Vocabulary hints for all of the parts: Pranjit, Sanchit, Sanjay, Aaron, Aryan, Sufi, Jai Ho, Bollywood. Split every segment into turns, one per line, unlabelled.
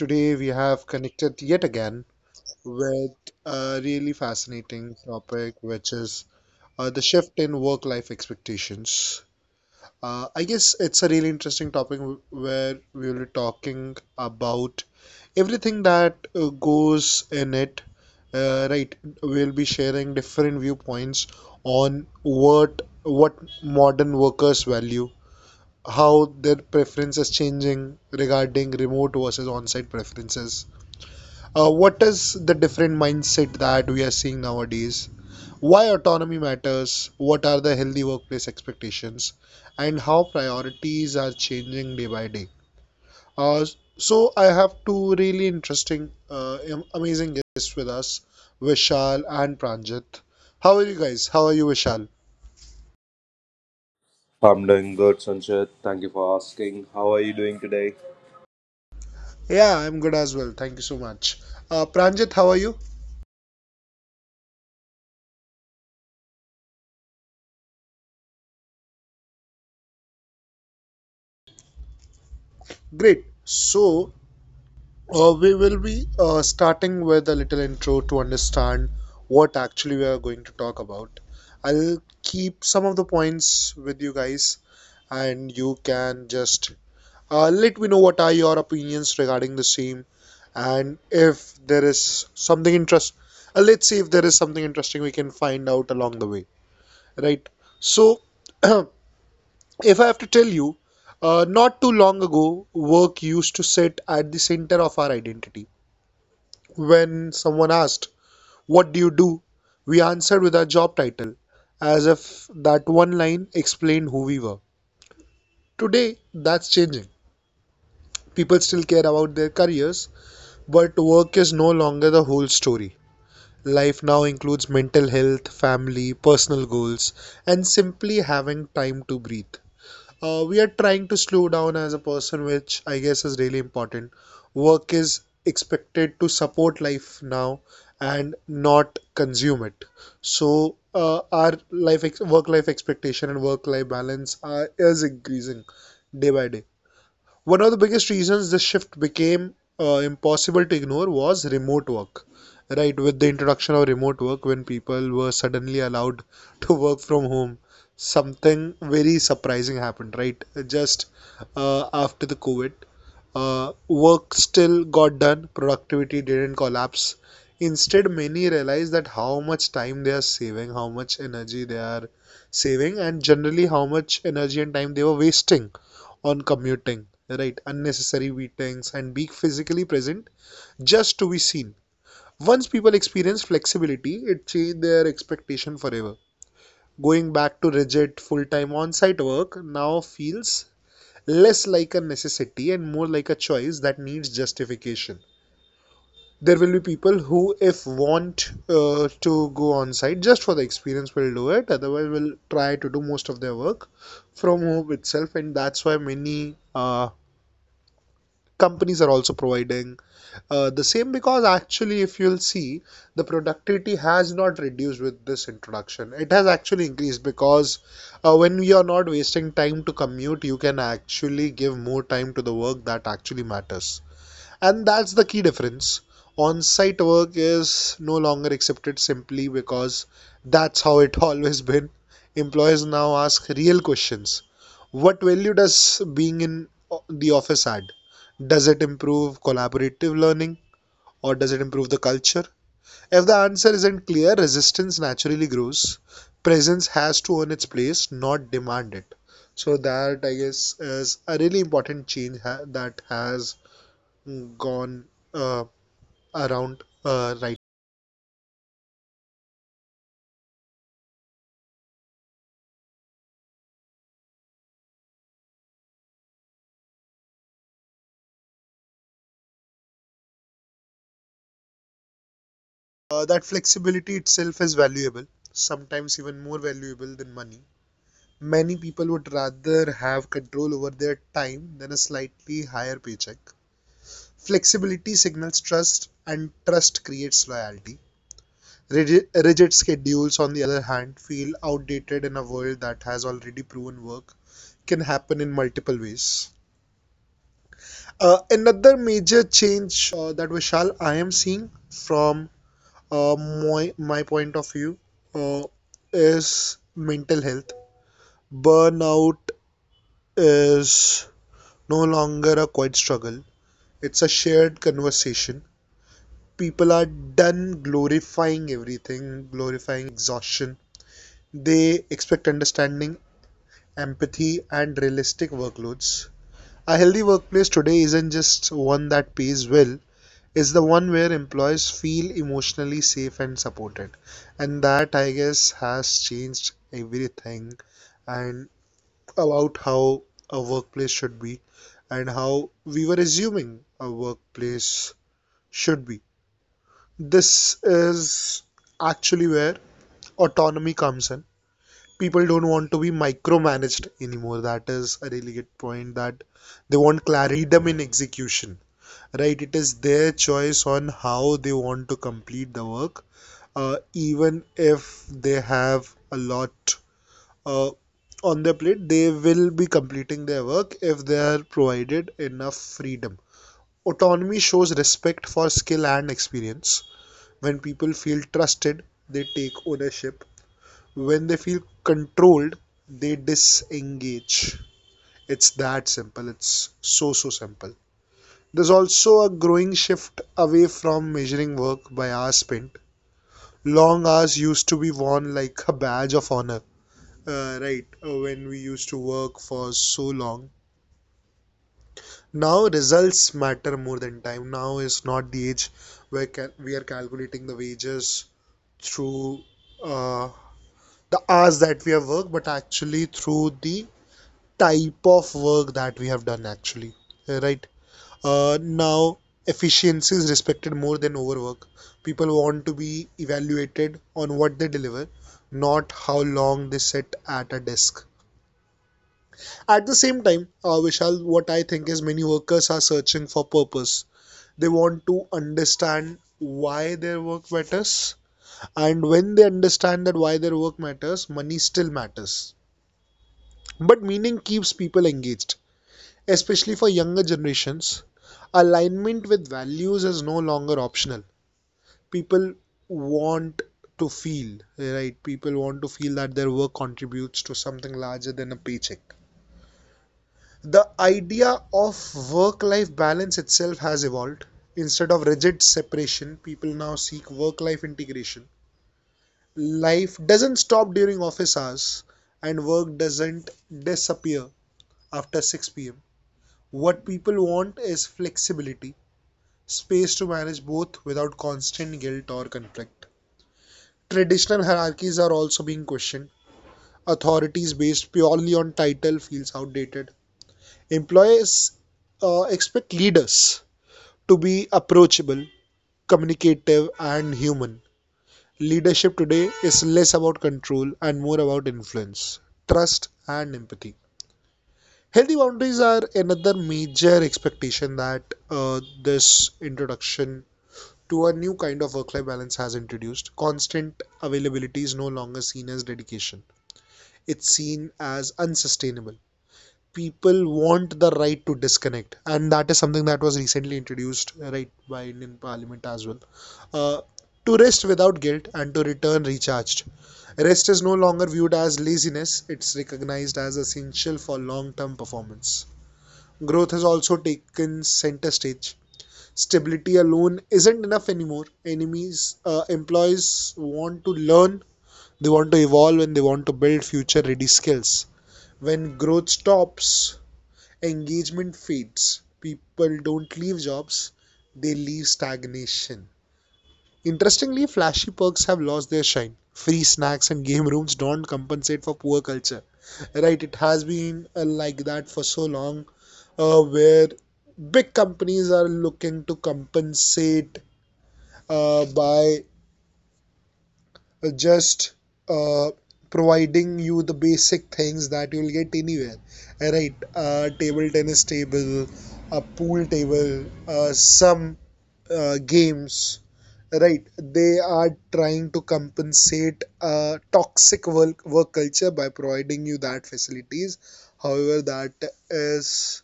Today we have connected yet again with a really fascinating topic, which is the shift in work-life expectations. I guess it's a really interesting topic where we will be talking about everything that goes in it. Right, we'll be sharing different viewpoints on what modern workers value, how their preferences changing regarding remote versus on-site preferences. What is the different mindset that we are seeing nowadays? Why autonomy matters? What are the healthy workplace expectations? And how priorities are changing day by day? Uh, so I have two really interesting, amazing guests with us, Vishal and Pranjit. How are you guys? How are you, Vishal?
I'm doing good, Sanchit. Thank you for asking. How are you doing today?
Yeah, I'm good as well. Thank you so much. Pranjit, how are you? Great. So, we will be starting with a little intro to understand what actually we are going to talk about. I'll keep some of the points with you guys, and you can just let me know what are your opinions regarding the same, and if there is something interest. Let's see if there is something interesting we can find out along the way, right? So, if I have to tell you, not too long ago, work used to sit at the center of our identity. When someone asked, "What do you do?" we answered with our job title, as if that one line explained who we were. Today, that's changing. People still care about their careers, but work is no longer the whole story. Life now includes mental health, family, personal goals, and simply having time to breathe. We are trying to slow down as a person, which I guess is really important. Work is expected to support life now and not consume it. So our work life expectation and work life balance is increasing day by day. One of the biggest reasons this shift became impossible to ignore was remote work. Right, with the introduction of remote work, when people were suddenly allowed to work from home, something very surprising happened, right? Just after the COVID, work still got done. Productivity didn't collapse. Instead, many realize that how much time they are saving, how much energy they are saving, and generally how much energy and time they were wasting on commuting, right? Unnecessary meetings and being physically present just to be seen. Once people experience flexibility, it changed their expectation forever. Going back to rigid full time on site work now feels less like a necessity and more like a choice that needs justification. There will be people who, if want to go on site just for the experience, will do it. Otherwise, will try to do most of their work from home itself, and that's why many companies are also providing the same, because actually, if you'll see, the productivity has not reduced with this introduction. It has actually increased, because when you are not wasting time to commute, you can actually give more time to the work that actually matters. And that's the key difference. On site work is no longer accepted simply because that's how it always been. Employers now ask real questions. What value does being in the office add? Does it improve collaborative learning? Or does it improve the culture? If the answer isn't clear, resistance naturally grows. Presence has to earn its place, not demand it. So that I guess is a really important that has gone uh, around, right? That flexibility itself is valuable, sometimes even more valuable than money. Many people would rather have control over their time than a slightly higher paycheck. Flexibility signals trust, and trust creates loyalty. Rigid, rigid schedules, on the other hand, feel outdated in a world that has already proven work can happen in multiple ways. Another major change, that Vishal I am seeing from uh, my my point of view, uh, is mental health. Burnout is no longer a quiet struggle. It's a shared conversation. People are done glorifying everything, glorifying exhaustion. They expect understanding, empathy, and realistic workloads. A healthy workplace today isn't just one that pays well, is the one where employees feel emotionally safe and supported. And that, I guess, has changed everything and about how a workplace should be and how we were assuming a workplace should be. This is actually where autonomy comes in. People don't want to be micromanaged anymore. That is a really good point, that they want clarity on goals, but freedom in execution. Right, it is their choice on how they want to complete the work. Even if they have a lot uh, on their plate, they will be completing their work if they are provided enough freedom. Autonomy shows respect for skill and experience. When people feel trusted, they take ownership. When they feel controlled, they disengage. It's that simple. It's so, so simple. There's also a growing shift away from measuring work by hours spent. Long hours used to be worn like a badge of honor, right? When we used to work for so long. Now results matter more than time. Now is not the age where we are calculating the wages through uh, the hours that we have worked, but actually through the type of work that we have done, actually. Right? Now, efficiency is respected more than overwork. People want to be evaluated on what they deliver, not how long they sit at a desk. At the same time, Vishal, what I think is many workers are searching for purpose. They want to understand why their work matters, and when they understand that why their work matters, money still matters. But meaning keeps people engaged, especially for younger generations. Alignment with values is no longer optional. people want to feel right People want to feel that their work contributes to something larger than a paycheck. The idea of work life balance itself has evolved. Instead of rigid separation, people now seek work life integration. Life doesn't stop during office hours, and work doesn't disappear after 6 p.m. What people want is flexibility, space to manage both without constant guilt or conflict. Traditional hierarchies are also being questioned. Authorities based purely on title feels outdated. Employees expect leaders to be approachable, communicative, and human. Leadership today is less about control and more about influence, trust, and empathy. Healthy boundaries are another major expectation that this introduction to a new kind of work life balance has introduced. Constant availability is no longer seen as dedication, it's seen as unsustainable. People want the right to disconnect, and that is something that was recently introduced right by Indian Parliament as well, Uh, to rest without guilt and to return recharged. Rest is no longer viewed as laziness, it's recognized as essential for long term performance. Growth has also taken center stage. Stability alone isn't enough anymore. Employees want to learn, they want to evolve, and they want to build future ready skills. When growth stops, engagement fades. People don't leave jobs, they leave stagnation. Interestingly, flashy perks have lost their shine. Free snacks and game rooms don't compensate for poor culture. Right, it has been like that for so long, where big companies are looking to compensate by just uh, providing you the basic things that you'll get anywhere. Right, a table tennis table, a pool table, some games. Right, they are trying to compensate a toxic work culture by providing you that facilities. However, that is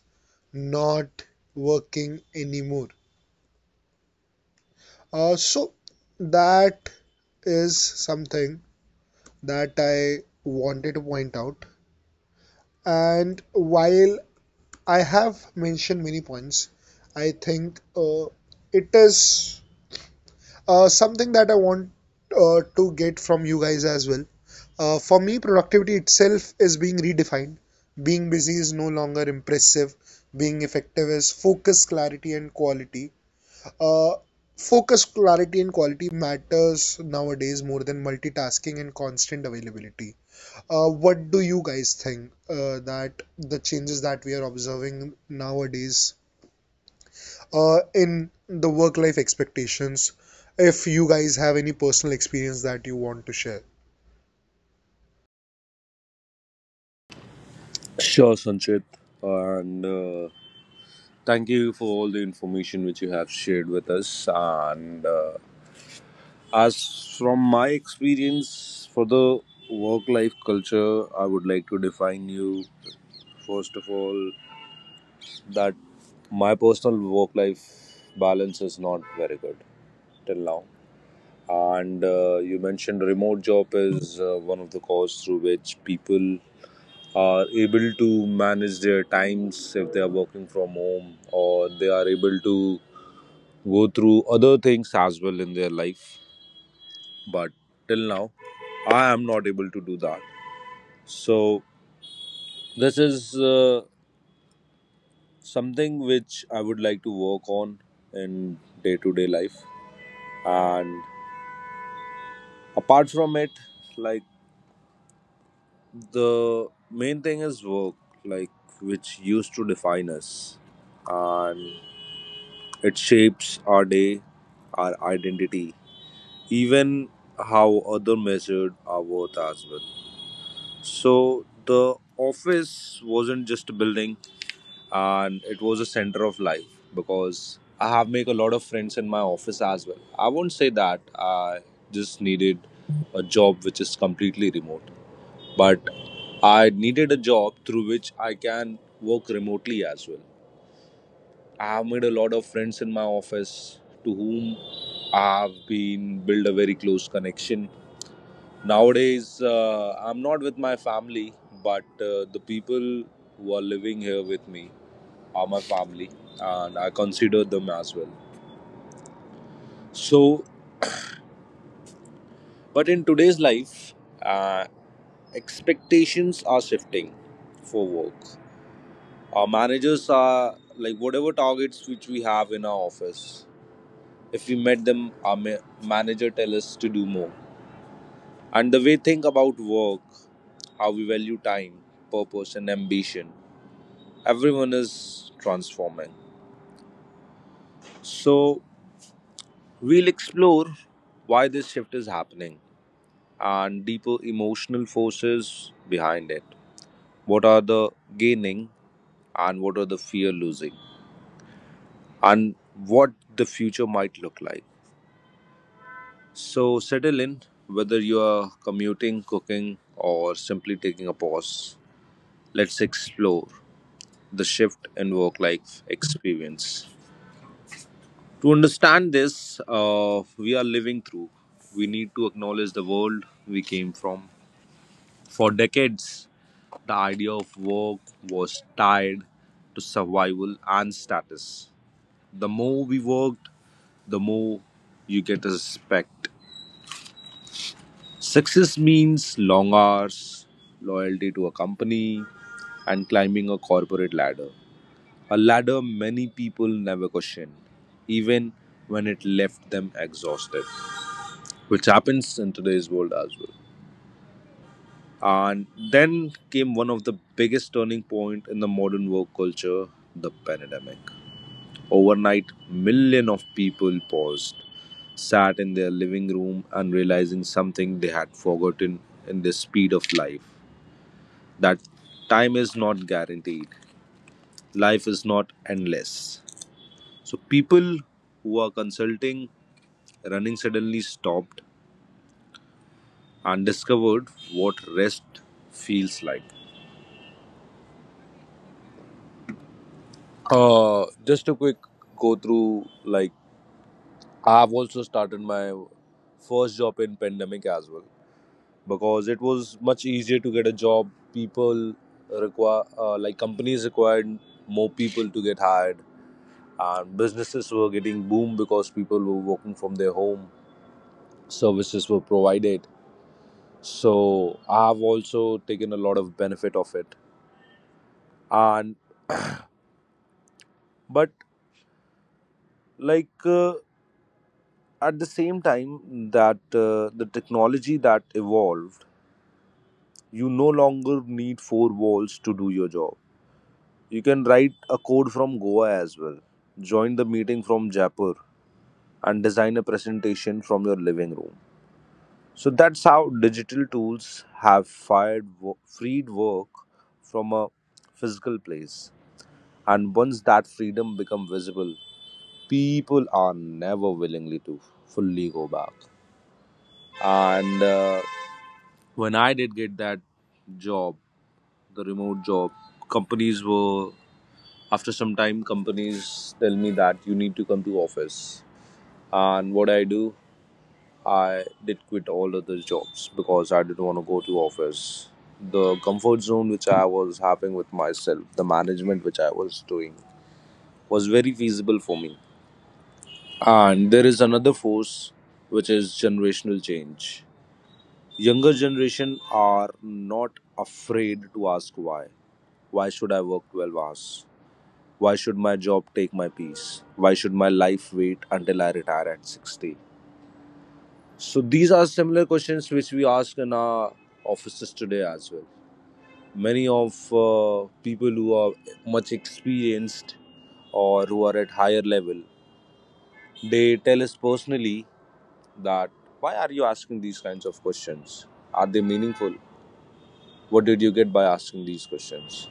not working anymore. So that is something that I wanted to point out. And while I have mentioned many points, I think it is something that I want to get from you guys as well. For me, productivity itself is being redefined. Being busy is no longer impressive. Being effective is focus, clarity, and quality. Uh, Focus, clarity, and quality matters nowadays more than multitasking and constant availability. What do you guys think that the changes that we are observing nowadays in the work-life expectations? If you guys have any personal experience that you want to share.
Sure, Sanchit. And thank you for all the information which you have shared with us. And as from my experience for the work life culture, I would like to define you first of all that my personal work life balance is not very good till now. And you mentioned remote job is one of the cause through which people are able to manage their times if they are working from home or they are able to go through other things as well in their life. But till now, I am not able to do that. So, this is something which I would like to work on in day to day life. And apart from it, like the main thing is work, like which used to define us. And it shapes our day, our identity, even how other measured our worth as well. So the office wasn't just a building and it was a center of life because I have made a lot of friends in my office as well. I won't say that I just needed a job which is completely remote, but I needed a job through which I can work remotely as well. I've made a lot of friends in my office to whom I've been build a very close connection. Nowadays, I'm not with my family, but the people who are living here with me are my family, and I consider them as well. So, but in today's life, uh, expectations are shifting for work. Our managers are like whatever targets which we have in our office. If we met them, our manager tell us to do more. And the way think about work, how we value time, purpose, and ambition, everyone is transforming. So, we'll explore why this shift is happening and deeper emotional forces behind it. What are the gaining and what are the fear losing, and what the future might look like. So, settle in whether you are commuting, cooking, or simply taking a pause. Let's explore the shift in work life experience. To understand this, we are living through, we need to acknowledge the world we came from. For decades, the idea of work was tied to survival and status. The more we worked, the more you get respect. Success means long hours, loyalty to a company, and climbing a corporate ladder. A ladder many people never questioned, even when it left them exhausted, which happens in today's world as well. And then came one of the biggest turning point in the modern work culture, the pandemic. Overnight, million of people paused, sat in their living room and realizing something they had forgotten in the speed of life. That time is not guaranteed. Life is not endless. So people who are consulting running suddenly stopped and discovered what rest feels like. Just a quick go through. Like I've also started my first job in pandemic as well because it was much easier to get a job. People require like companies required more people to get hired, and businesses were getting boom because people were working from their home. Services were provided, so I've also taken a lot of benefit of it. And but like at the same time that the technology that evolved you no longer need four walls to do your job. You can write a code from Goa as well, join the meeting from Jaipur and design a presentation from your living room. So that's how digital tools have fired freed work from a physical place and once that freedom become visible people are never willingly to fully go back. And when I did get that job, the remote job, companies were after some time companies tell me that you need to come to office. And what I do, I did quit all other jobs because I didn't want to go to office. The comfort zone which I was having with myself, the management which I was doing was very feasible for me. And there is another force which is generational change. Younger generation are not afraid to ask why. Why should I work 12 hours? Why should my job take my peace? Why should my life wait until I retire at 60? So these are similar questions which we ask in our offices today as well. Many of people who are much experienced or who are at higher level, they tell us personally that why are you asking these kinds of questions? Are they meaningful? What did you get by asking these questions?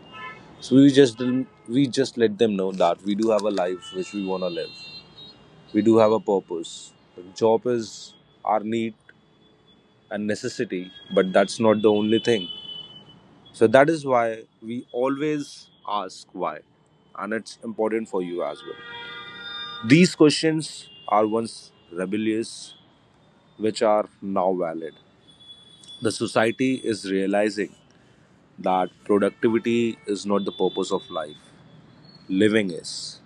So we just let them know that we do have a life which we want to live, we do have a purpose. The job is our need and necessity, but that's not the only thing. So that is why we always ask why, and it's important for you as well. These questions are once rebellious, which are now valid. The society is realizing that productivity is not the purpose of life, living is.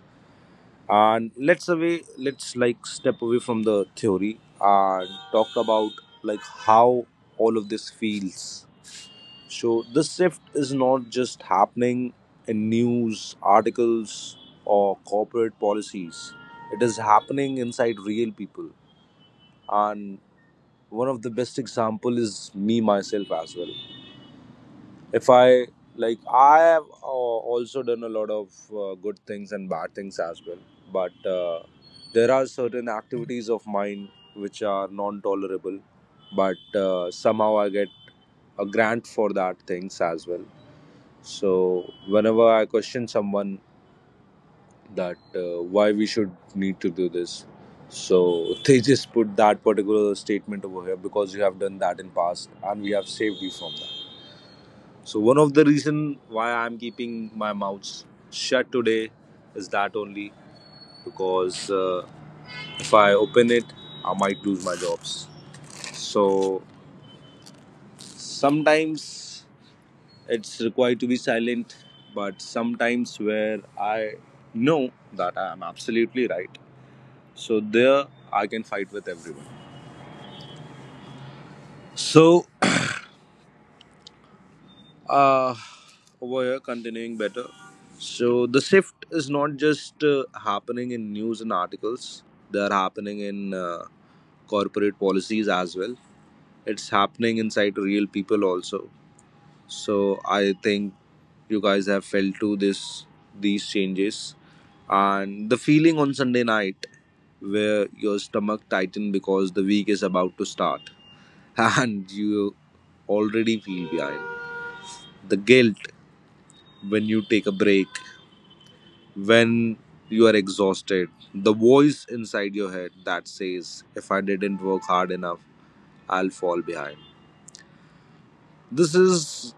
And let's step away from the theory and talk about how all of this feels. So this shift is not just happening in news articles or corporate policies, it is happening inside real people. And one of the best example is me myself as well. If I have also done a lot of good things and bad things as well, but there are certain activities of mine which are non tolerable, but somehow I get a grant for that things as well. So whenever I question someone that why we should need to do this, so they just put that particular statement over here because you have done that in past and we have saved you from that. So one of the reason why I'm keeping my mouth shut today is that only because if I open it, I might lose my jobs. So sometimes it's required to be silent, but sometimes where I know that I am absolutely right, so there I can fight with everyone. So uh, over here continuing better. So the shift is not just happening in news and articles, they are happening in corporate policies as well. It's happening inside real people also. So I think you guys have felt to this these changes and the feeling on Sunday night where your stomach tightens because the week is about to start and you already feel behind the guilt when you take a break when you are exhausted, the voice inside your head that says, if I didn't work hard enough, I'll fall behind. This is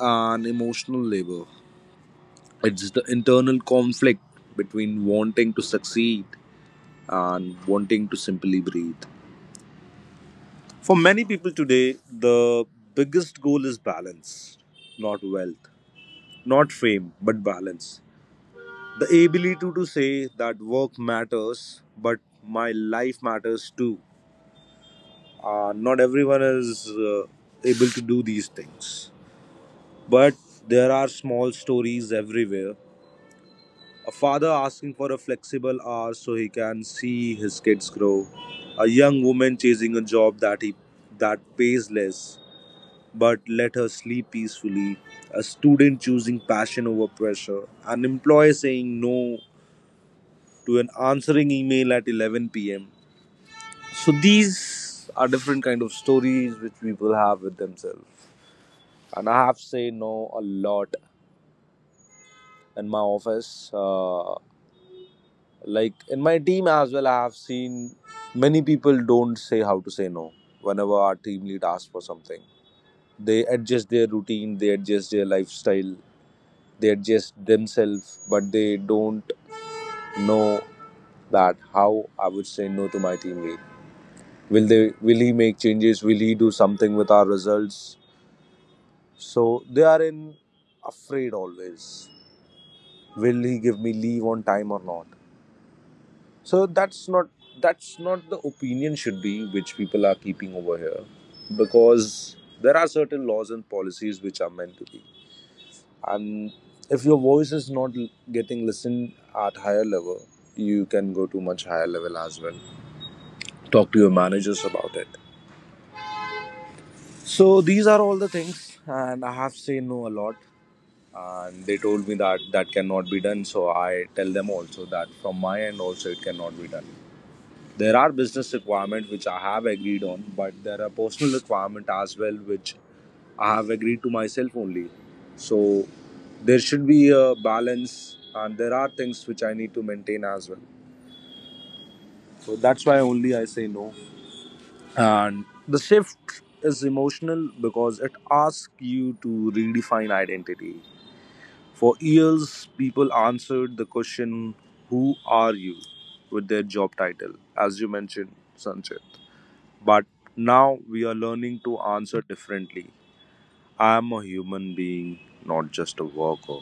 an emotional labor. It's the internal conflict between wanting to succeed and wanting to simply breathe. For many people today, the biggest goal is balance, not wealth, not fame, but balance. The ability to say that work matters, but my life matters too. Not everyone is able to do these things, but there are small stories everywhere. A father asking for a flexible hour so he can see his kids grow. A young woman chasing a job that he that pays less but let her sleep peacefully. A student choosing passion over pressure. An employee saying no to an answering email at 11 p.m. So these are different kind of stories which people have with themselves. And I have said no a lot in my office. Like in my team as well, I have seen many people don't say how to say no whenever our team lead asks for something. They adjust their routine, they adjust their lifestyle, they adjust themselves, but they don't know that how I would say no to my team lead. Will they? Will he make changes? Will he do something with our results? So they are in afraid always. Will he give me leave on time or not? So that's not the opinion should be which people are keeping over here because there are certain laws and policies which are meant to be. And if your voice is not getting listened at higher level, you can go to much higher level as well, talk to your managers about it. So these are all the things, and I have said no a lot and they told me that that cannot be done. So I tell them also that from my end also it cannot be done. There are business requirements which I have agreed on, but there are personal requirements as well which I have agreed to myself only. So there should be a balance, and there are things which I need to maintain as well. So that's why only I say no. And the shift is emotional because it asks you to redefine identity. For years, people answered the question, who are you? With their job title, as you mentioned, Sanjay. But now we are learning to answer differently. I am a human being, not just a worker.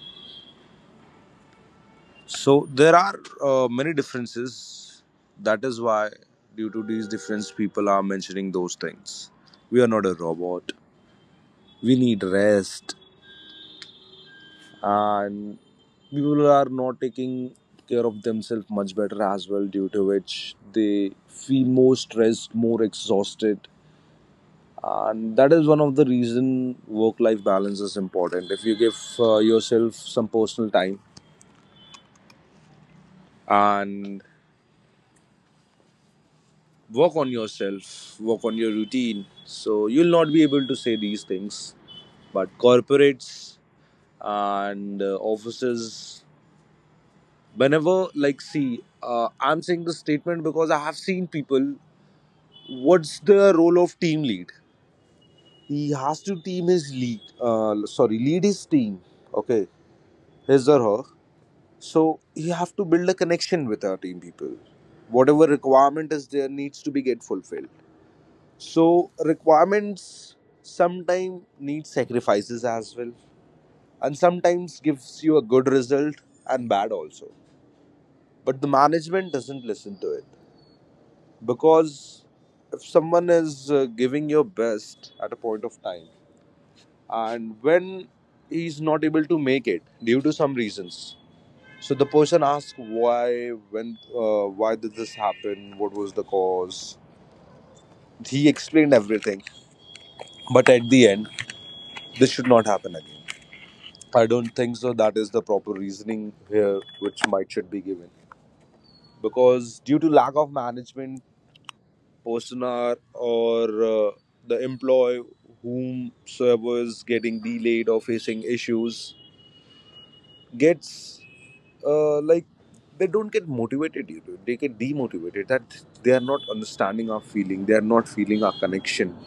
So there are many differences. That is why, due to these differences, people are mentioning those things. We are not a robot. We need rest, and people are not taking care of themselves much better as well. Due to which they feel more stressed, more exhausted, and that is one of the reason work life balance is important. If you give yourself some personal time and work on yourself, work on your routine, so you'll not be able to say these things. But corporates and offices, whenever, like, see, I'm saying this statement because I have seen people. What's the role of team lead? He has to team his lead sorry lead his team, okay, his or her. So you have to build a connection with our team people. Whatever requirement is there needs to be get fulfilled. So requirements sometimes need sacrifices as well, and sometimes gives you a good result and bad also. But the management doesn't listen to it, because if someone is giving your best at a point of time, and when he's not able to make it due to some reasons, so the person asks why, when, why did this happen? What was the cause? He explained everything, but at the end, this should not happen again. I don't think so. That is the proper reasoning here, which might should be given, because due to lack of management, personnel, or the employee whomsoever is getting delayed or facing issues gets like, they don't get motivated due to, they get demotivated, that they are not understanding our feeling. They are not feeling our connection.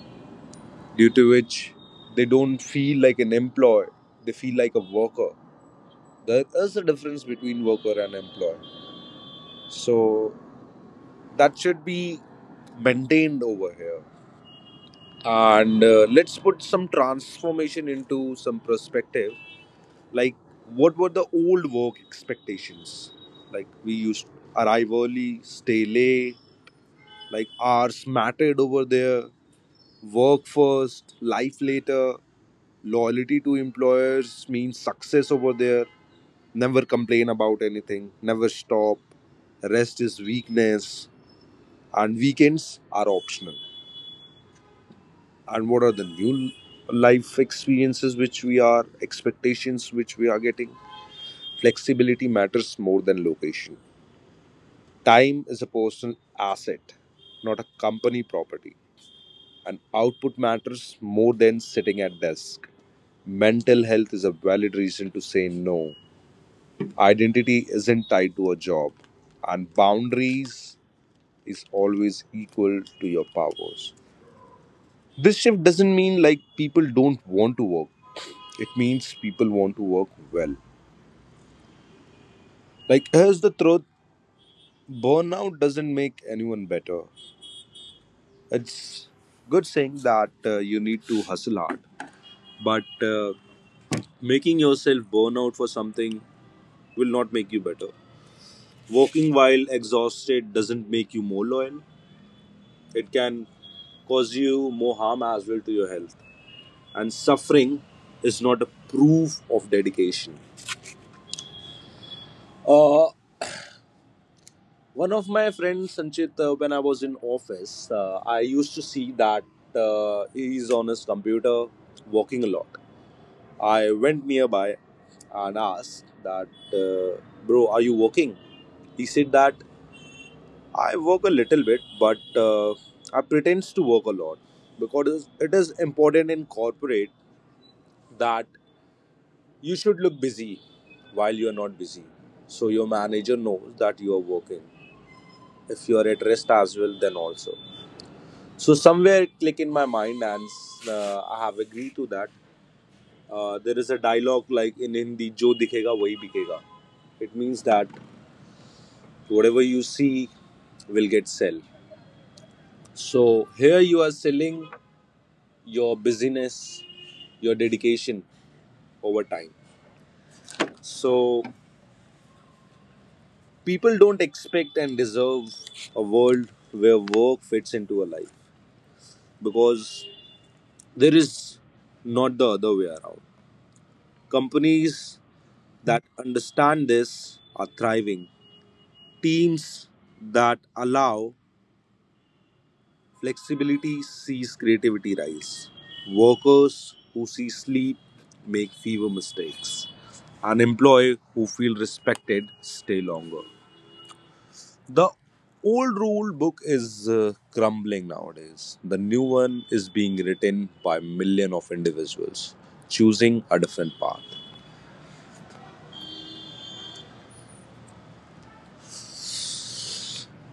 Due to which they don't feel like an employee. They feel like a worker. There is a difference between worker and employee. So that should be maintained over here. And let's put some transformation into some perspective. Like, what were the old work expectations? Like, we used arrive early, stay late, like hours mattered over there. Work first, life later. Loyalty to employers means success over there. Never complain about anything. Never stop. Rest is weakness. And weekends are optional. And what are the new life experiences which we are, expectations which we are getting? Flexibility matters more than location. Time is a personal asset, not a company property, and output matters more than sitting at desk. Mental health is a valid reason to say no. Identity isn't tied to a job, and boundaries is always equal to your powers. This shift doesn't mean like people don't want to work. It means people want to work well. Like, here's the truth: burnout doesn't make anyone better. It's good saying that you need to hustle hard, but making yourself burn out for something will not make you better. Working while exhausted doesn't make you more loyal. It can cause you more harm as well to your health. And suffering is not a proof of dedication. Uh, one of my friends, Sanchit, when I was in office, I used to see that he's on his computer working a lot. I went nearby and asked that, bro, are you working? He said that I work a little bit, but I pretend to work a lot because it is important in corporate that you should look busy while you are not busy. So your manager knows that you are working. If you are at rest as well, then also. So somewhere it click in my mind, and I have agreed to that. There is a dialogue like in Hindi, "Jo dikhega wahi bikega." It means that whatever you see will get sell. So here you are selling your busyness, your dedication over time. So people don't expect and deserve a world where work fits into a life, because there is not the other way around. Companies that understand this are thriving. Teams that allow flexibility sees creativity rise. Workers who see sleep make fewer mistakes. Unemployed who feel respected stay longer. The old rule book is crumbling nowadays. The new one is being written by million of individuals choosing a different path.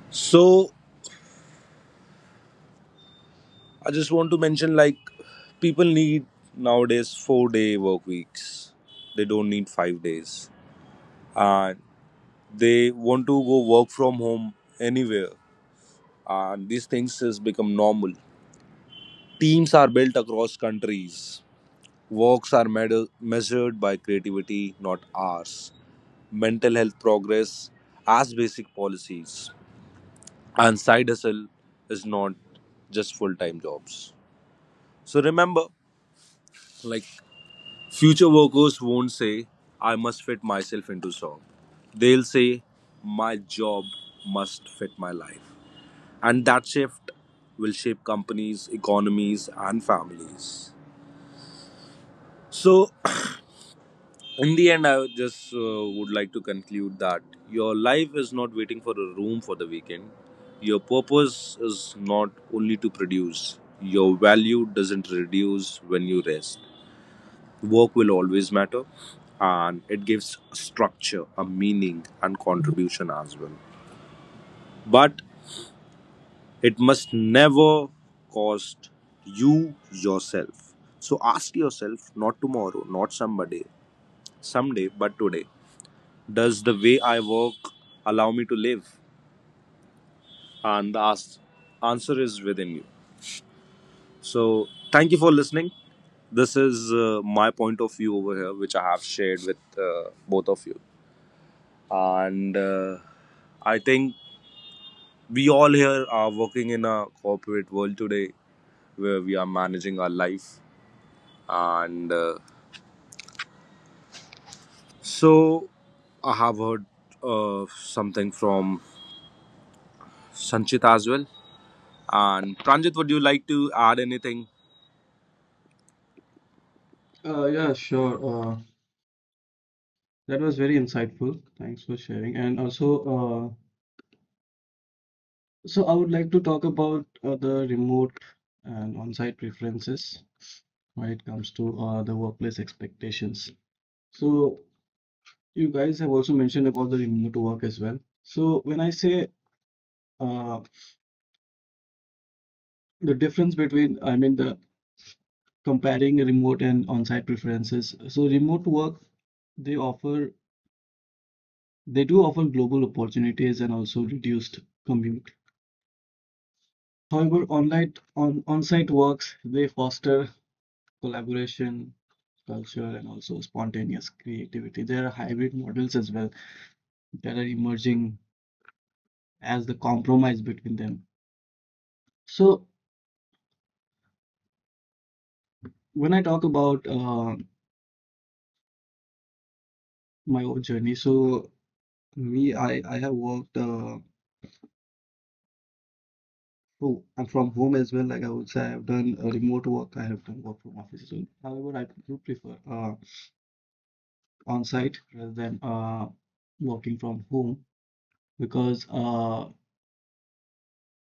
So I just want to mention, like, people need nowadays 4 day work weeks. They don't need 5 days. And they want to go work from home anywhere, and these things has become normal. Teams are built across countries. Works are measured by creativity, not hours. Mental health progress as basic policies, and side hustle is not just full-time jobs. So remember, like, future workers won't say, "I must fit myself into job." They'll say, "My job must fit my life." And that shift will shape companies, economies, and families. So, in the end, I would just would like to conclude that your life is not waiting for a room for the weekend. Your purpose is not only to produce, your value doesn't reduce when you rest. Work will always matter, and it gives structure, a meaning, and contribution as well. But it must never cost you yourself. So ask yourself, not tomorrow, not someday, but today, does the way I work allow me to live? And the answer is within you. So thank you for listening. This is my point of view over here, which I have shared with both of you. And I think we all here are working in a corporate world today where we are managing our life. And so I have heard something from Sanchit as well. And Pranjit, would you like to add anything?
Yeah, sure. That was very insightful. Thanks for sharing. And also, so I would like to talk about the remote and on-site preferences when it comes to the workplace expectations. So you guys have also mentioned about the remote work as well. So when I say uh, the difference between, I mean, the comparing remote and on-site preferences. So remote work, they offer, they do offer global opportunities and also reduced commute. However, online on on-site works, they foster collaboration, culture, and also spontaneous creativity. There are hybrid models as well that are emerging as the compromise between them. So when I talk about my own journey, so me, I have worked. Oh, I'm from home as well. Like I would say, I've done remote work. I have done work from office as well. However, I do prefer on-site rather than working from home because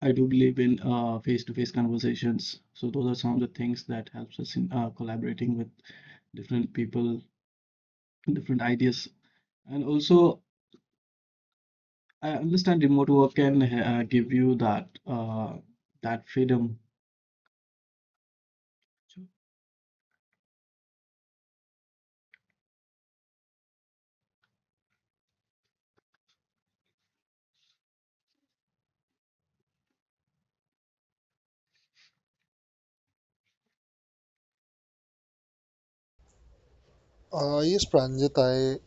I do believe in face-to-face conversations. So those are some of the things that helps us in collaborating with different people, different ideas. And also, I understand remote work can give you that that freedom
Yes, Pranjit, I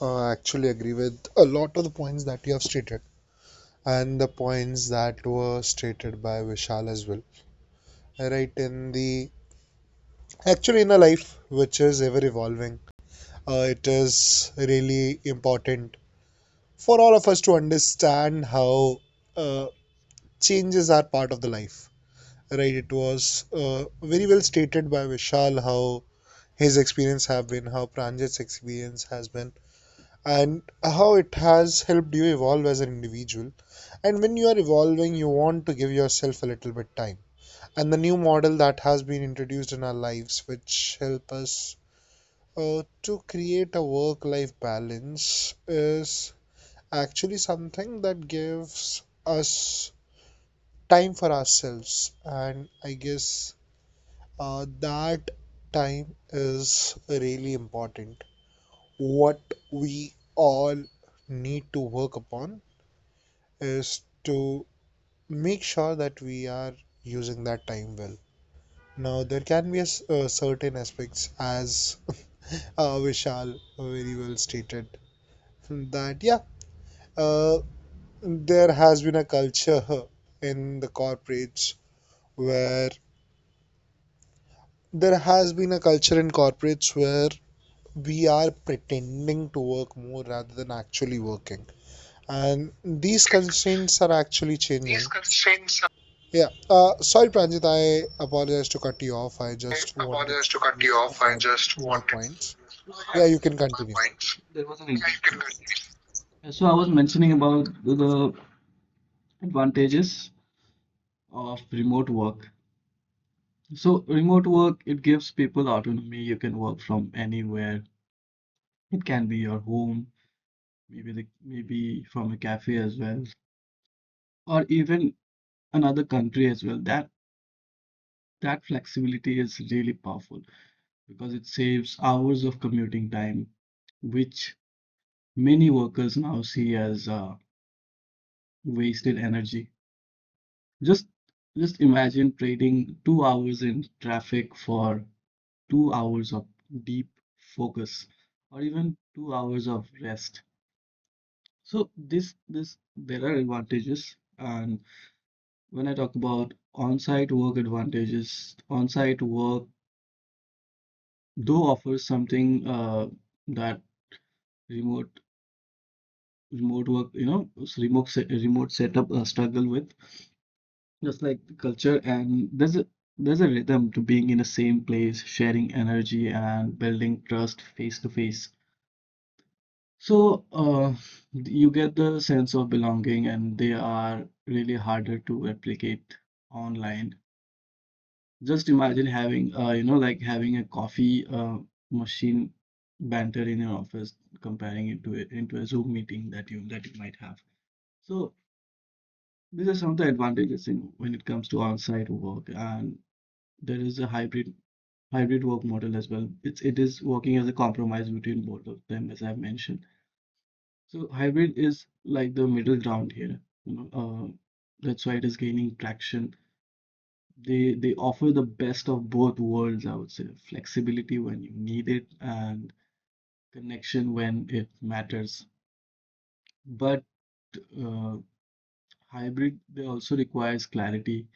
actually agree with a lot of the points that you have stated and the points that were stated by Vishal as well. Right, in the actually in a life which is ever evolving, it is really important for all of us to understand how uh, changes are part of the life, right? It was very well stated by Vishal how his experience have been, how Pranjit's experience has been, and how it has helped you evolve as an individual. And when you are evolving, you want to give yourself a little bit time, and the new model that has been introduced in our lives which help us uh, to create a work life balance is actually something that gives us time for ourselves. And I guess that time is really important. What we all need to work upon is to make sure that we are using that time well. Now, there can be certain aspects, as Vishal very well stated, that yeah, uh, there has been a culture in the corporates, where there has been a culture in corporates where we are pretending to work more rather than actually working, and these
kick.
constraints are actually
These
changing.
constraints,
Yeah. Sorry Pranjit, I apologize to cut you off, I
I
just wanted
apologize to
to
cut you off. I just
add my
wanted to.
points.
Oh, yeah.
Yeah, you can
My
continue.
points. There was an. Yeah, you can continue. So I was mentioning about the advantages of remote work. So remote work, it gives people autonomy. You can work from anywhere. It can be your home, maybe from a cafe as well, or even another country as well. That flexibility is really powerful, because it saves hours of commuting time, which many workers now see as wasted energy. Just just imagine trading 2 hours in traffic for 2 hours of deep focus or even 2 hours of rest. So this there are advantages, and when I talk about on-site work advantages, on-site work though offers something that remote remote work, you know, remote setup struggle with, just like the culture. And there's a rhythm to being in the same place, sharing energy and building trust face to face. So you get the sense of belonging, and they are really harder to replicate online. Just imagine having, you know, like having a coffee machine banter in your office, comparing it to it into a Zoom meeting that you might have. So these are some of the advantages in when it comes to on-site work, and there is a hybrid work model as well. It is working as a compromise between both of them, as I've mentioned. So hybrid is like the middle ground here. You know, that's why it is gaining traction. They offer the best of both worlds, I would say. Flexibility when you need it and connection when it matters. But uh, hybrid, they also requires clarity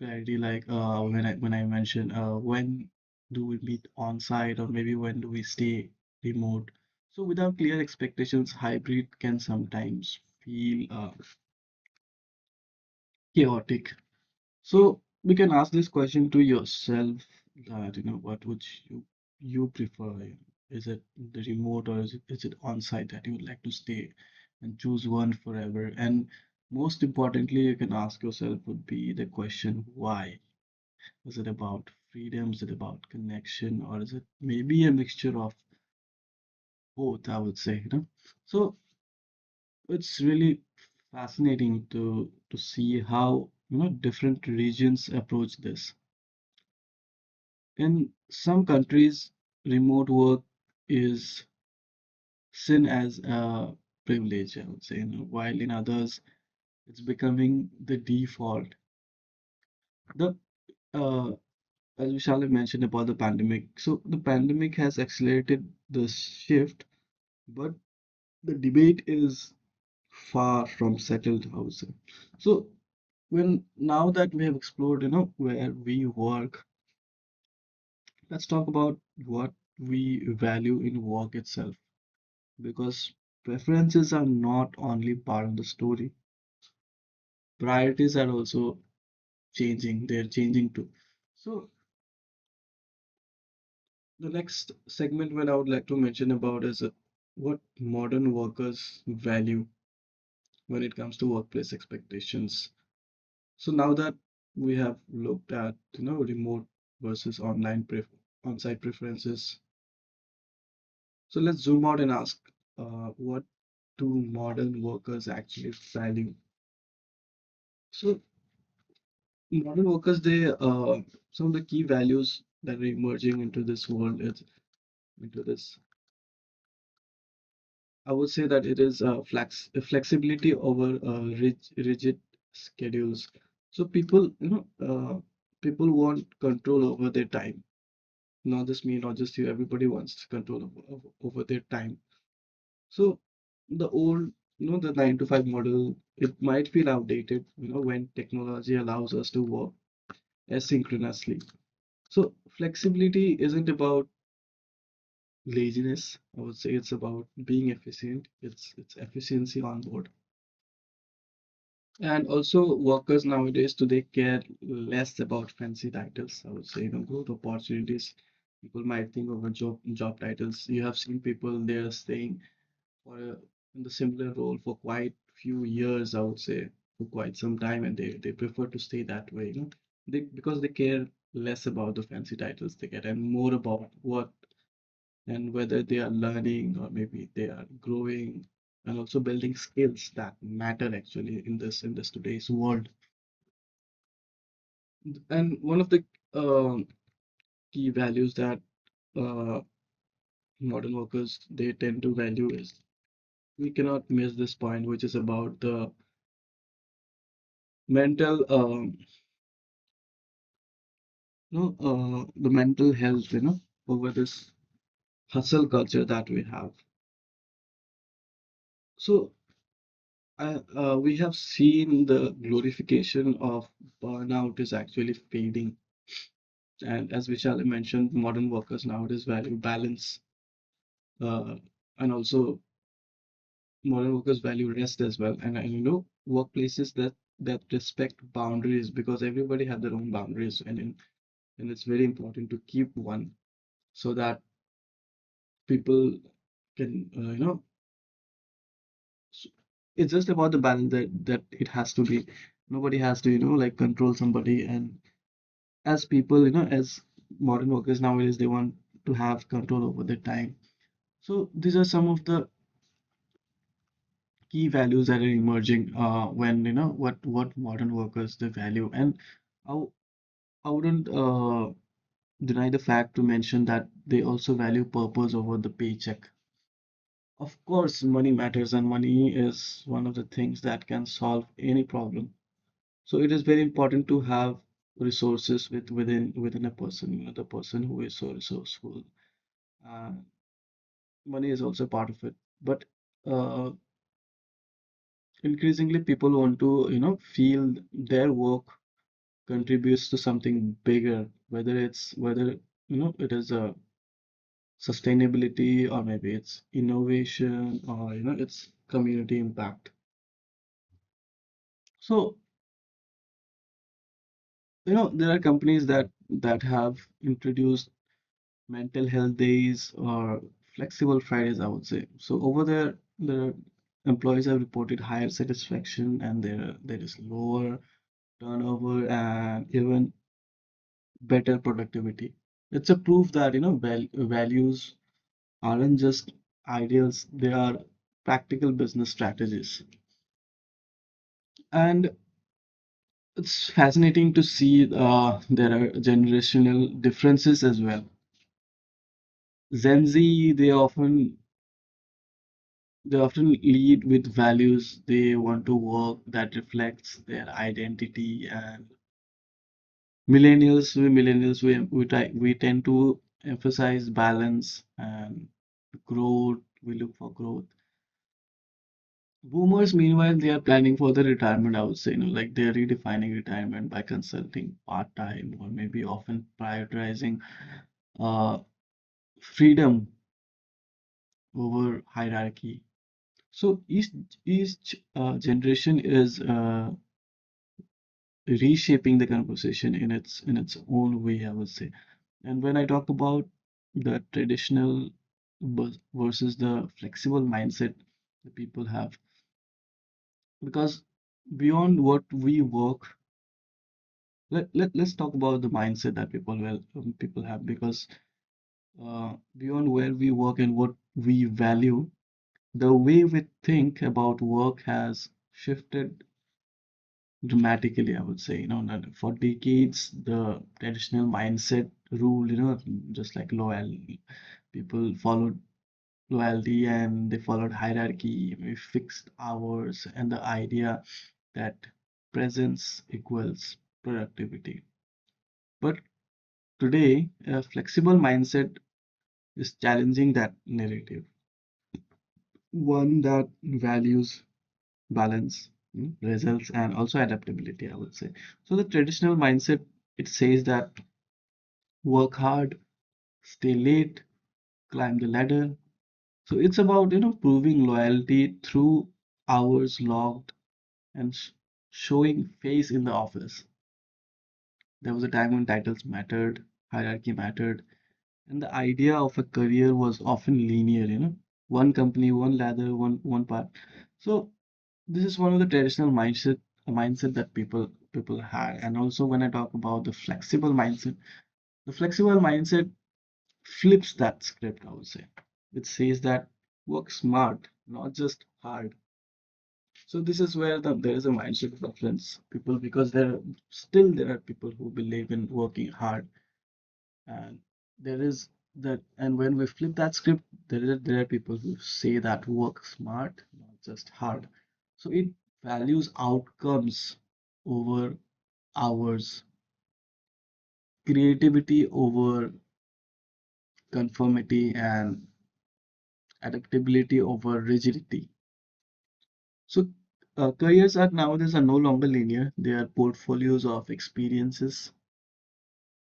clarity like when I mentioned, when do we meet on site, or maybe when do we stay remote? So without clear expectations, hybrid can sometimes feel chaotic. So we can ask this question to yourself, that you know what would you you prefer? Is it the remote or is it on site that you would like to stay and choose one forever? And most importantly, you can ask yourself would be the question, why? Is it about freedom? Is it about connection? Or is it maybe a mixture of both, I would say, you know? So it's really fascinating to see how, you know, different regions approach this. In some countries, remote work is seen as a privilege, I would say, you know, while in others, it's becoming the default. The uh, as Vishal had mentioned about the pandemic, so the pandemic has accelerated this shift, but the debate is far from settled, I would say. So when now that we have explored, you know, where we work, let's talk about what we value in work itself, because preferences are not only part of the story. Priorities are also changing, they're changing too. So the next segment what I would like to mention about is what modern workers value when it comes to workplace expectations. So now that we have looked at, you know, remote versus online pref on-site preferences, so let's zoom out and ask, what do modern workers actually value? So modern workers, they some of the key values that are emerging into this world is into this. I would say that it is flexibility over rigid schedules. So people, you know, people want control over their time, not just me, not just you, everybody wants control over, over their time. So the old, you know, the 9 to 5 model, it might feel outdated, you know, when technology allows us to work asynchronously. So flexibility isn't about laziness. I would say it's about being efficient. It's efficiency on board. And also workers nowadays today care less about fancy titles. I would say, you know, growth opportunities people might think over job titles. You have seen people, they are saying for a, in the similar role for quite few years, I would say, for quite some time, and they prefer to stay that way, you know, because they care less about the fancy titles they get and more about what and whether they are learning or maybe they are growing and also building skills that matter actually in this today's world. And one of the um key values that uh, modern workers they tend to value is, we cannot miss this point, which is about the mental you know, the mental health, you know, over this hustle culture that we have. So we have seen the glorification of burnout is actually fading. And as Vishal mentioned, modern workers nowadays value balance, uh, and also modern workers value rest as well. And you know, workplaces that respect boundaries, because everybody have their own boundaries, and it's very important to keep one so that people can you know s- it's just about the balance that it has to be. Nobody has to, you know, like control somebody. And as people, you know, as modern workers nowadays, they want to have control over their time. So these are some of the key values that are emerging when you know what modern workers they value. And I w- I wouldn't deny the fact to mention that they also value purpose over the paycheck. Of course, money matters, and money is one of the things that can solve any problem. So it is very important to have resources with within a person, you know, the person who is so resourceful. Uh, Money is also part of it, but uh, increasingly people want to, you know, feel their work contributes to something bigger, whether it's whether you know it is a sustainability or maybe it's innovation or you know it's community impact. So you know there are companies that have introduced mental health days or flexible Fridays, I would say. So over there, the employees have reported higher satisfaction and there is lower turnover and even better productivity. It's a proof that, you know, values aren't just ideals, they are practical business strategies. And it's fascinating to see, there are generational differences as well. Gen Z, they often lead with values, they want to work that reflects their identity, and millennials, we tend to emphasize balance and growth, we look for growth. Boomers, meanwhile, they are planning for the retirement, I would say, you know, like they are redefining retirement by consulting part-time or maybe often prioritizing uh, freedom over hierarchy. So each generation is reshaping the conversation in its own way, I would say. And when I talk about the traditional versus the flexible mindset that people have, because beyond what we work, let's talk about the mindset that people will people have, because beyond where we work and what we value, the way we think about work has shifted dramatically, I would say. You know, that for decades, the traditional mindset rule, you know, just like loyalty, people followed loyalty and they followed hierarchy, maybe fixed hours, and the idea that presence equals productivity. But today, a flexible mindset is challenging that narrative, one that values balance, results, and also adaptability, I would say. So the traditional mindset it says that work hard, stay late, climb the ladder. So it's about, you know, proving loyalty through hours logged and showing face in the office. There was a time when titles mattered, hierarchy mattered, and the idea of a career was often linear, you know, one company, one ladder, one path. So this is one of the traditional mindset that people had. And also, when I talk about the flexible mindset flips that script, I would say, which says that work smart, not just hard. So this is where there is a mindset difference, people, because there are people who believe in working hard, and there is that, and when we flip that script, there are people who say that work smart, not just hard. So it values outcomes over hours, creativity over conformity, and adaptability over rigidity. So, careers are nowadays are no longer linear. They are portfolios of experiences,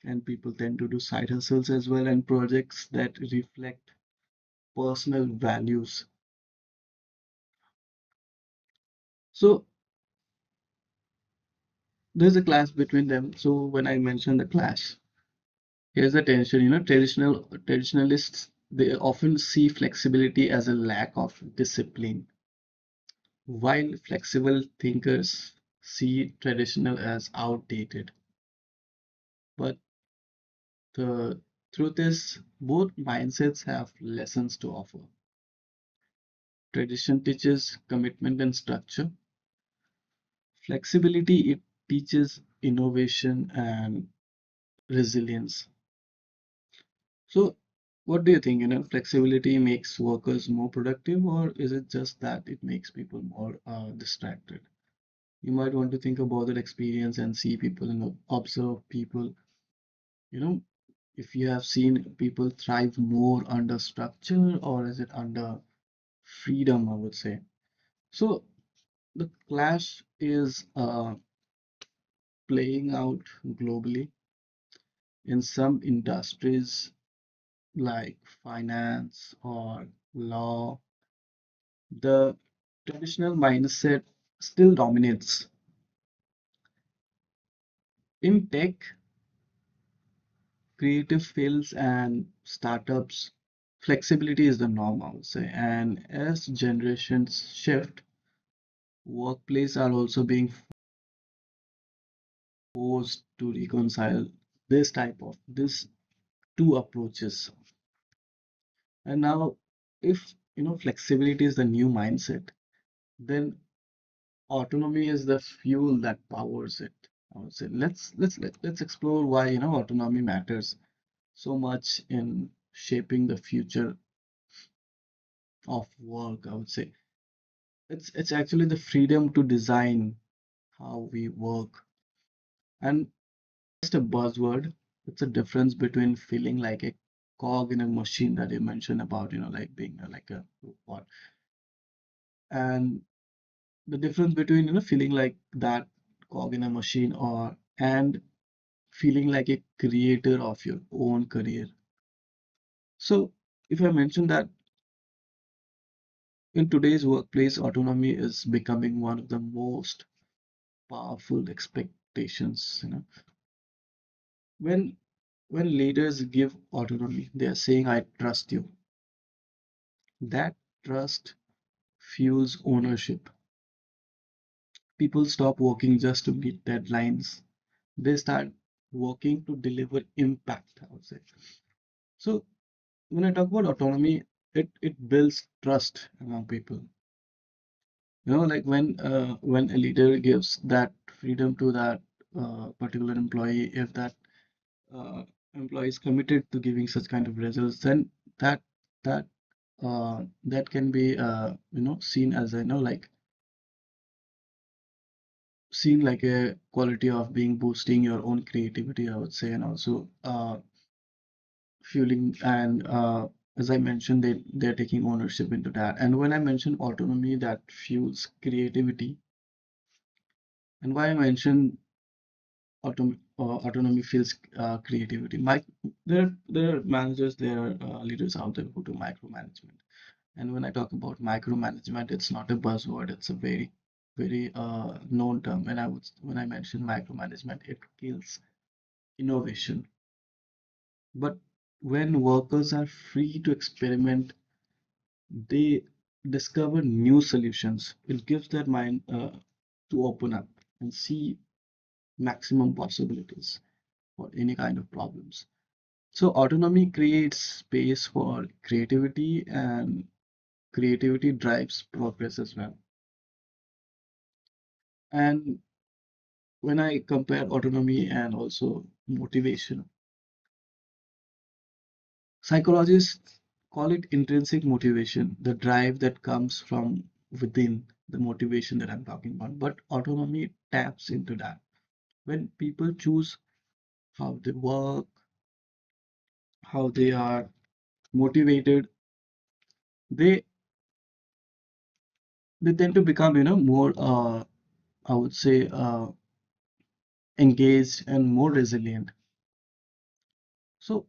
and people tend to do side hustles as well and projects that reflect personal values. So, there's a clash between them. So, when I mention the clash, here's the tension. Traditionalists they often see flexibility as a lack of discipline, while flexible thinkers see traditional as outdated. But the truth is, both mindsets have lessons to offer. Tradition teaches commitment and structure. Flexibility, it teaches innovation and resilience. So, what do you think? You know, flexibility makes workers more productive, or is it just that it makes people more distracted? You might want to think about that experience and see people and observe people. You know, if you have seen people thrive more under structure, or is it under freedom, I would say. So the clash is playing out globally. In some industries like finance or law, the traditional mindset still dominates. In tech, creative fields, and startups, flexibility is the norm, I would say. And as generations shift, workplaces are also being forced to reconcile this type of this two approaches. And now, if you know flexibility is the new mindset, then autonomy is the fuel that powers it. I would say let's explore why, autonomy matters so much in shaping the future of work. I would say it's actually the freedom to design how we work. And just a buzzword. It's a difference between feeling like a cog in a machine that you mentioned about, you know, like being like a robot, and the difference between, you know, feeling like that cog in a machine, or and feeling like a creator of your own career. So if I mention that in today's workplace, autonomy is becoming one of the most powerful expectations. You know, when when leaders give autonomy, they are saying, I trust you. That trust fuels ownership. People stop working just to meet deadlines. They start working to deliver impact, I would say. So when I talk about autonomy, it builds trust among people. You know, like when a leader gives that freedom to that particular employee, if that uh, employee is committed to giving such kind of results, then that that that can be, seen as, you know, like seen like a quality of being, boosting your own creativity, I would say, and also fueling and, as I mentioned, they're taking ownership into that. And when I mention autonomy, that fuels creativity. And why I mention autom autonomy fuels creativity. My there there are managers, there are leaders out there who do micromanagement. And when I talk about micromanagement, it's not a buzzword. It's a very very known term. And I would when I mention micromanagement, it kills innovation. But when workers are free to experiment, they discover new solutions. It gives their mind to open up and see maximum possibilities for any kind of problems. So, autonomy creates space for creativity, and creativity drives progress as well. And when I compare autonomy and also motivation, psychologists call it intrinsic motivation, the drive that comes from within, the motivation that I'm talking about. But autonomy taps into that. When people choose how they work, how they are motivated, they they tend to become, you know, more I would say engaged and more resilient. So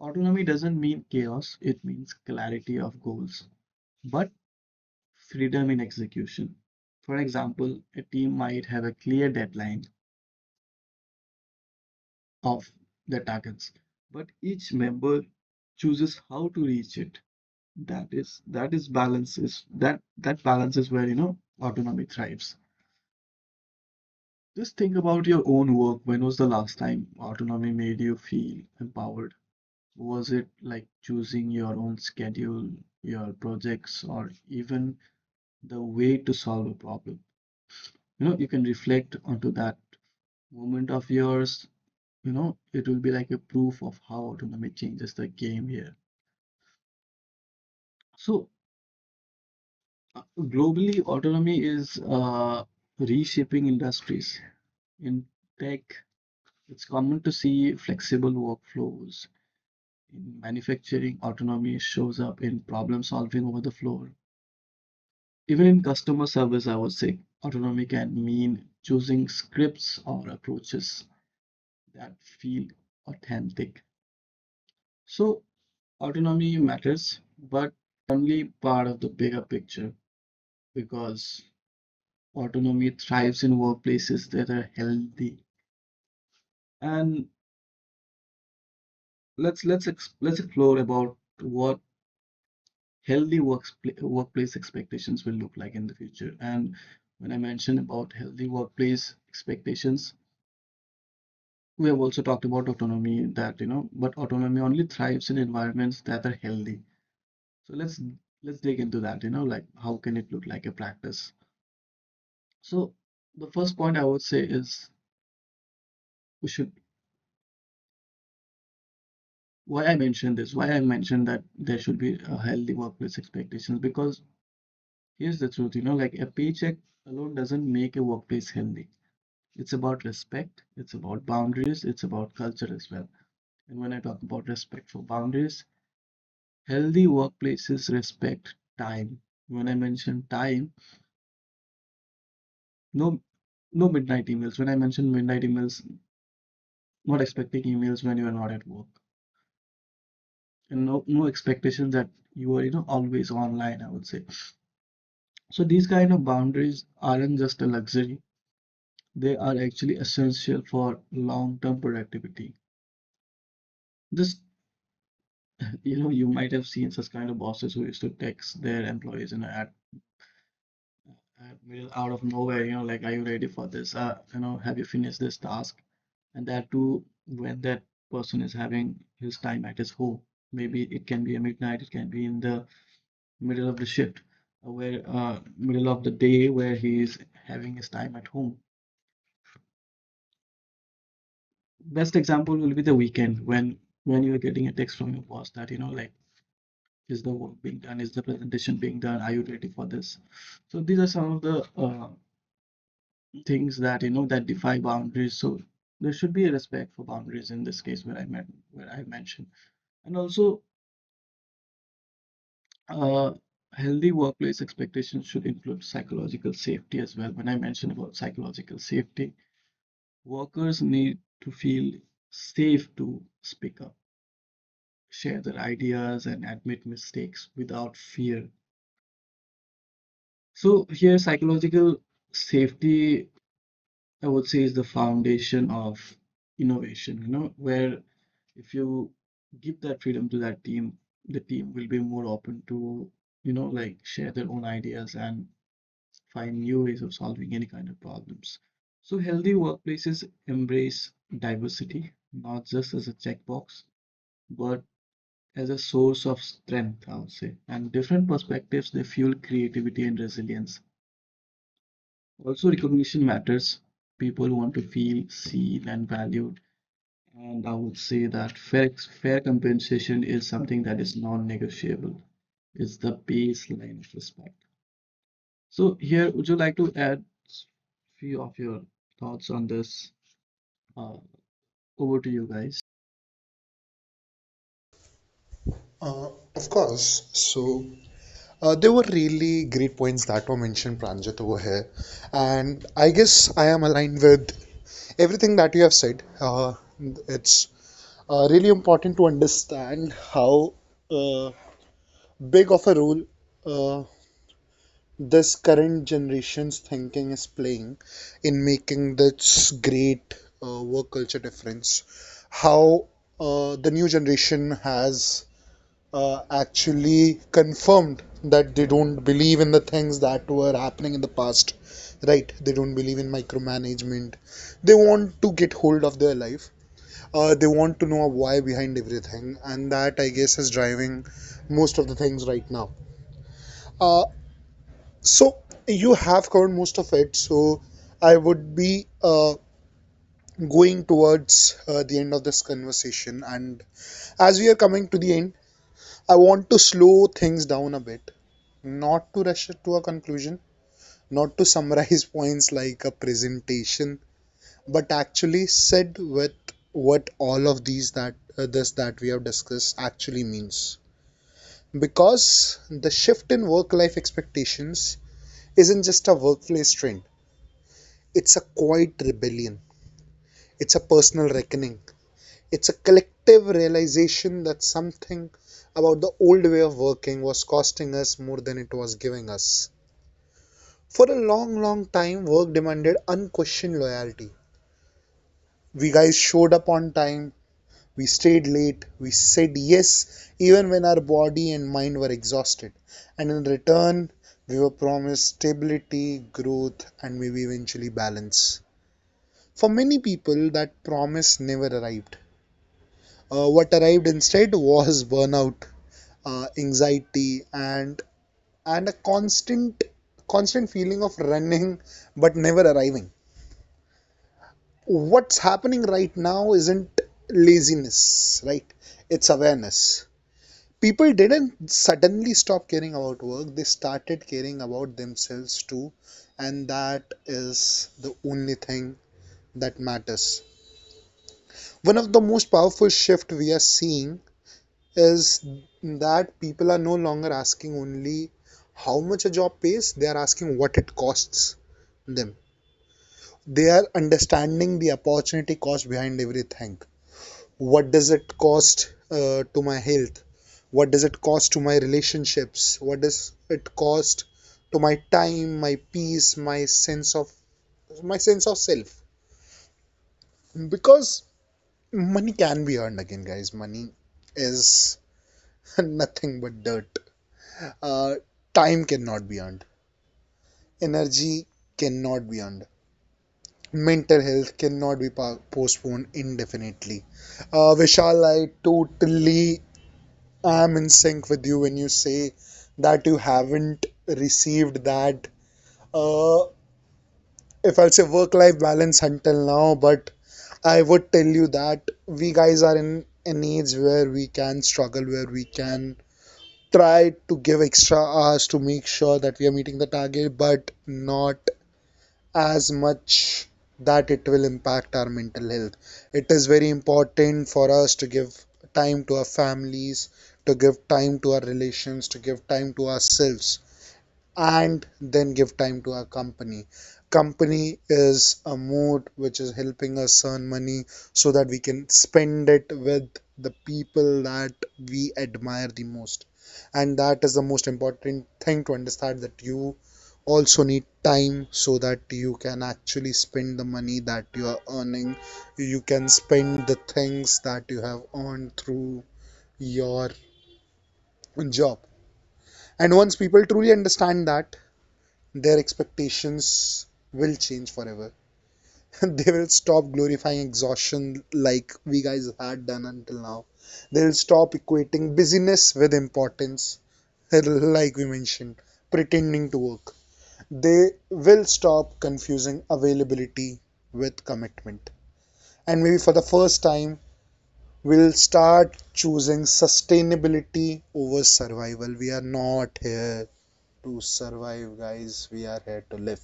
autonomy doesn't mean chaos, it means clarity of goals, but freedom in execution. For example, a team might have a clear deadline of the targets, but each member chooses how to reach it. That balance is where, you know, autonomy thrives. Just think about your own work. When was the last time autonomy made you feel empowered? Was it like choosing your own schedule, your projects, or even the way to solve a problem? You know, you can reflect onto that moment of yours. You know, it will be like a proof of how autonomy changes the game here. So, globally, autonomy is reshaping industries. In tech, it's common to see flexible workflows. In manufacturing, autonomy shows up in problem solving over the floor. Even in customer service, I would say autonomy can mean choosing scripts or approaches that feel authentic. So, autonomy matters, but only part of the bigger picture, because autonomy thrives in workplaces that are healthy. And let's explore about what healthy workplace expectations will look like in the future. And when I mentioned about healthy workplace expectations, we have also talked about autonomy that, you know, but autonomy only thrives in environments that are healthy. So let's dig into that, you know, like how can it look like a practice? So the first point I would say is, we should why I mentioned that there should be a healthy workplace expectations, because here's the truth. You know, like a paycheck alone doesn't make a workplace healthy. It's about respect, it's about boundaries, it's about culture as well. And when I talk about respect for boundaries, healthy workplaces respect time. When I mention time, no no midnight emails. When I mention midnight emails, not expecting emails when you are not at work. And no no expectations that you are, you know, always online, I would say. So these kind of boundaries aren't just a luxury, they are actually essential for long-term productivity. Just you know, you might have seen such kind of bosses who used to text their employees in at middle out of nowhere, you know, like, are you ready for this? You know, have you finished this task? And that too, when that person is having his time at his home. Maybe it can be a midnight, it can be in the middle of the shift, where middle of the day where he is having his time at home. Best example will be the weekend, when you are getting a text from your boss that, you know, like, is the work being done? Is the presentation being done? Are you ready for this? So these are some of the things that, you know, that defy boundaries. So there should be a respect for boundaries in this case where I met where I mentioned, and also, uh, healthy workplace expectations should include psychological safety as well. When I mentioned about psychological safety, workers need to feel safe to speak up, share their ideas, and admit mistakes without fear. So here, psychological safety, I would say, is the foundation of innovation, you know, where if you give that freedom to that team, the team will be more open to, you know, like share their own ideas and find new ways of solving any kind of problems. So healthy workplaces embrace diversity, not just as a checkbox, but as a source of strength, I would say. And different perspectives, they fuel creativity and resilience. Also, recognition matters. People want to feel seen and valued, and I would say that fair, fair compensation is something that is non-negotiable. It's the baseline of respect. So here, would you like to add few of your thoughts on this? Uh, over to you guys.
Uh, of course. So there were really great points that were mentioned, Pranjit, over here. And I guess I am aligned with everything that you have said. It's really important to understand how uh, big of a role uh, this current generation's thinking is playing in making this great work culture difference. How the new generation has actually confirmed that they don't believe in the things that were happening in the past. Right, they don't believe in micromanagement, they want to get hold of their life. They want to know a why behind everything, and that I guess is driving most of the things right now. Uh, so you have covered most of it, so I would be going towards the end of this conversation. And as we are coming to the end, I want to slow things down a bit, not to rush to a conclusion, not to summarize points like a presentation, but actually sit with what all of these that this that we have discussed actually means. Because the shift in work life expectations isn't just a workplace trend, it's a quiet rebellion, it's a personal reckoning, it's a collective realization that something about the old way of working was costing us more than it was giving us. For a long, long time, work demanded unquestioned loyalty. We guys showed up on time, we stayed late, we said yes even when our body and mind were exhausted. And in return, we were promised stability, growth, and maybe eventually balance. For many people, that promise never arrived. What arrived instead was burnout, anxiety, and a constant feeling of running but never arriving. What's happening right now isn't laziness, right? It's awareness. People didn't suddenly stop caring about work, they started caring about themselves too, and that is the only thing that matters. One of the most powerful shift we are seeing is that people are no longer asking only how much a job pays, they are asking what it costs them. They are understanding the opportunity cost behind everything. What does it cost to my health? What does it cost to my relationships? What does it cost to my time, my peace, my sense of self? Because money can be earned again, guys, money is nothing but dirt. Uh, time cannot be earned, energy cannot be earned, mental health cannot be postponed indefinitely. Vishal, I totally am in sync with you when you say that you haven't received that, uh, if I'll say work life balance until now, but I would tell you that we guys are in an age where we can struggle, where we can try to give extra hours to make sure that we are meeting the target, but not as much that it will impact our mental health. It is very important for us to give time to our families, to give time to our relations, to give time to ourselves, and then give time to our company. Company is a mode which is helping us earn money so that we can spend it with the people that we admire the most. And that is the most important thing to understand, that you also need time so that you can actually spend the money that you are earning, you can spend the things that you have earned through your job. And once people truly understand that, their expectations will change forever. They will stop glorifying exhaustion like we guys had done until now, they'll stop equating busyness with importance, like we mentioned, pretending to work, they will stop confusing availability with commitment. And maybe for the first time, we'll start choosing sustainability over survival. We are not here to survive, guys. We are here to live,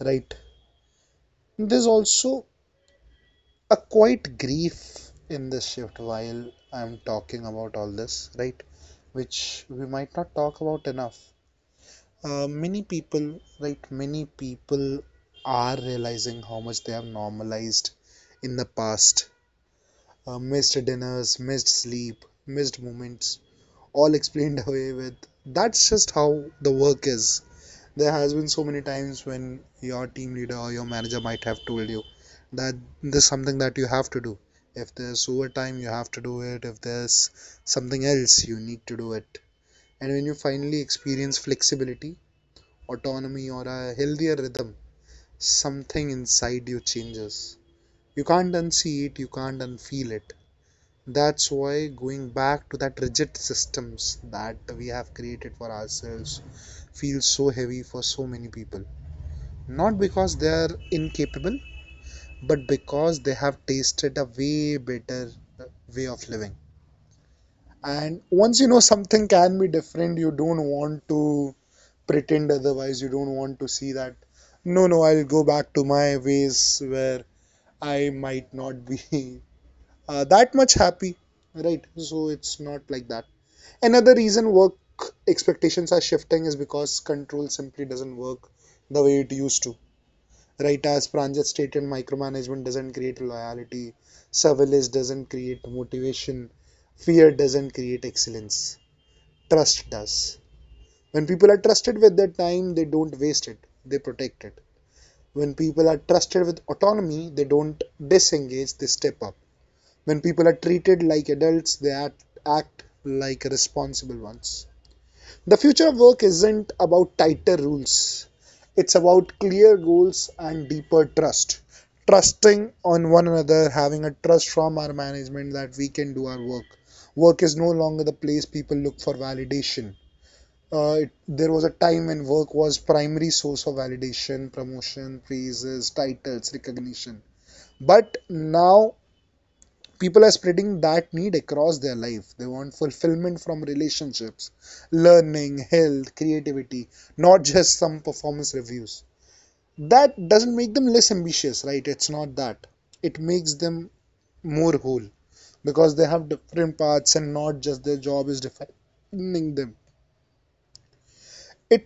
right? There's also a quite grief in this shift while I'm talking about all this, right? Which we might not talk about enough. Many people, right? Many people are realizing how much they have normalized in the past. Missed dinners, missed sleep, missed moments, all explained away with that's just how the work is. There has been so many times when your team leader or your manager might have told you that this is something that you have to do. If there's overtime, you have to do it. If there's something else, you need to do it. And when you finally experience flexibility, autonomy, or a healthier rhythm, something inside you changes. You can't unsee it, you can't unfeel it. That's why going back to that rigid systems that we have created for ourselves feels so heavy for so many people. Not because they are incapable, but because they have tasted a way better uh, way of living. And once you know something can be different, you don't want to pretend otherwise. You don't want to see that, no, no, I'll go back to my ways where I might not be that much happy, right? So it's not like that. Another reason work expectations are shifting is because control simply doesn't work the way it used to. Right, as Pranjit stated, micromanagement doesn't create loyalty, surveillance doesn't create motivation, fear doesn't create excellence, trust does. When people are trusted with their time, they don't waste it, they protect it. When people are trusted with autonomy, they don't disengage, they step up. When people are treated like adults, they act, act like responsible ones. The future of work isn't about tighter rules. It's about clear goals and deeper trust. Trusting on one another, having a trust from our management that we can do our work. Work is no longer the place people look for validation. There was a time when work was primary source of validation, promotion, praises, titles, recognition. But now people are spreading that need across their life. They want fulfillment from relationships, learning, health, creativity, not just some performance reviews. That doesn't make them less ambitious, right? It's not that, it makes them more whole, because they have different paths and not just their job is defining them. It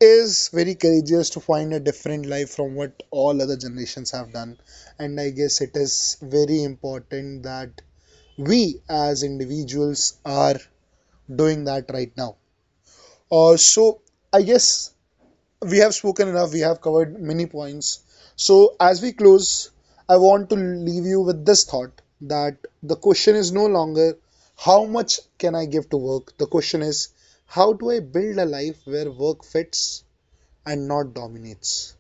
is very courageous to find a different life from what all other generations have done, and I guess it is very important that we as individuals are doing that right now. So I guess we have spoken enough. We have covered many points. So as we close, I want to leave you with this thought, that the question is no longer how much can I give to work? The question is how do I build a life where work fits and not dominates?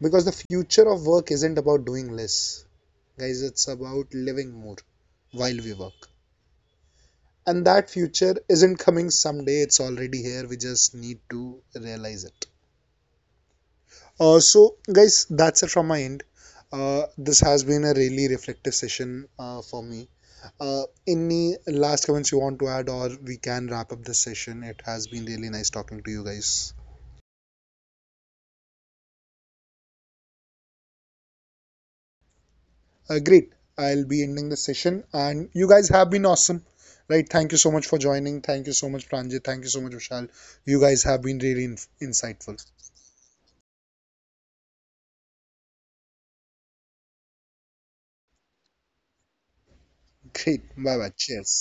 Because the future of work isn't about doing less, guys, it's about living more while we work. And that future isn't coming someday, it's already here, we just need to realize it. So guys, that's it from my end. This has been a really reflective session for me. Any last comments you want to add, or we can wrap up this session? It has been really nice talking to you guys. Great, I'll be ending the session, and you guys have been awesome, right? Thank you so much for joining. Thank you so much, Pranjit. Thank you so much, Vishal. You guys have been really insightful. Great. Bye bye. Cheers.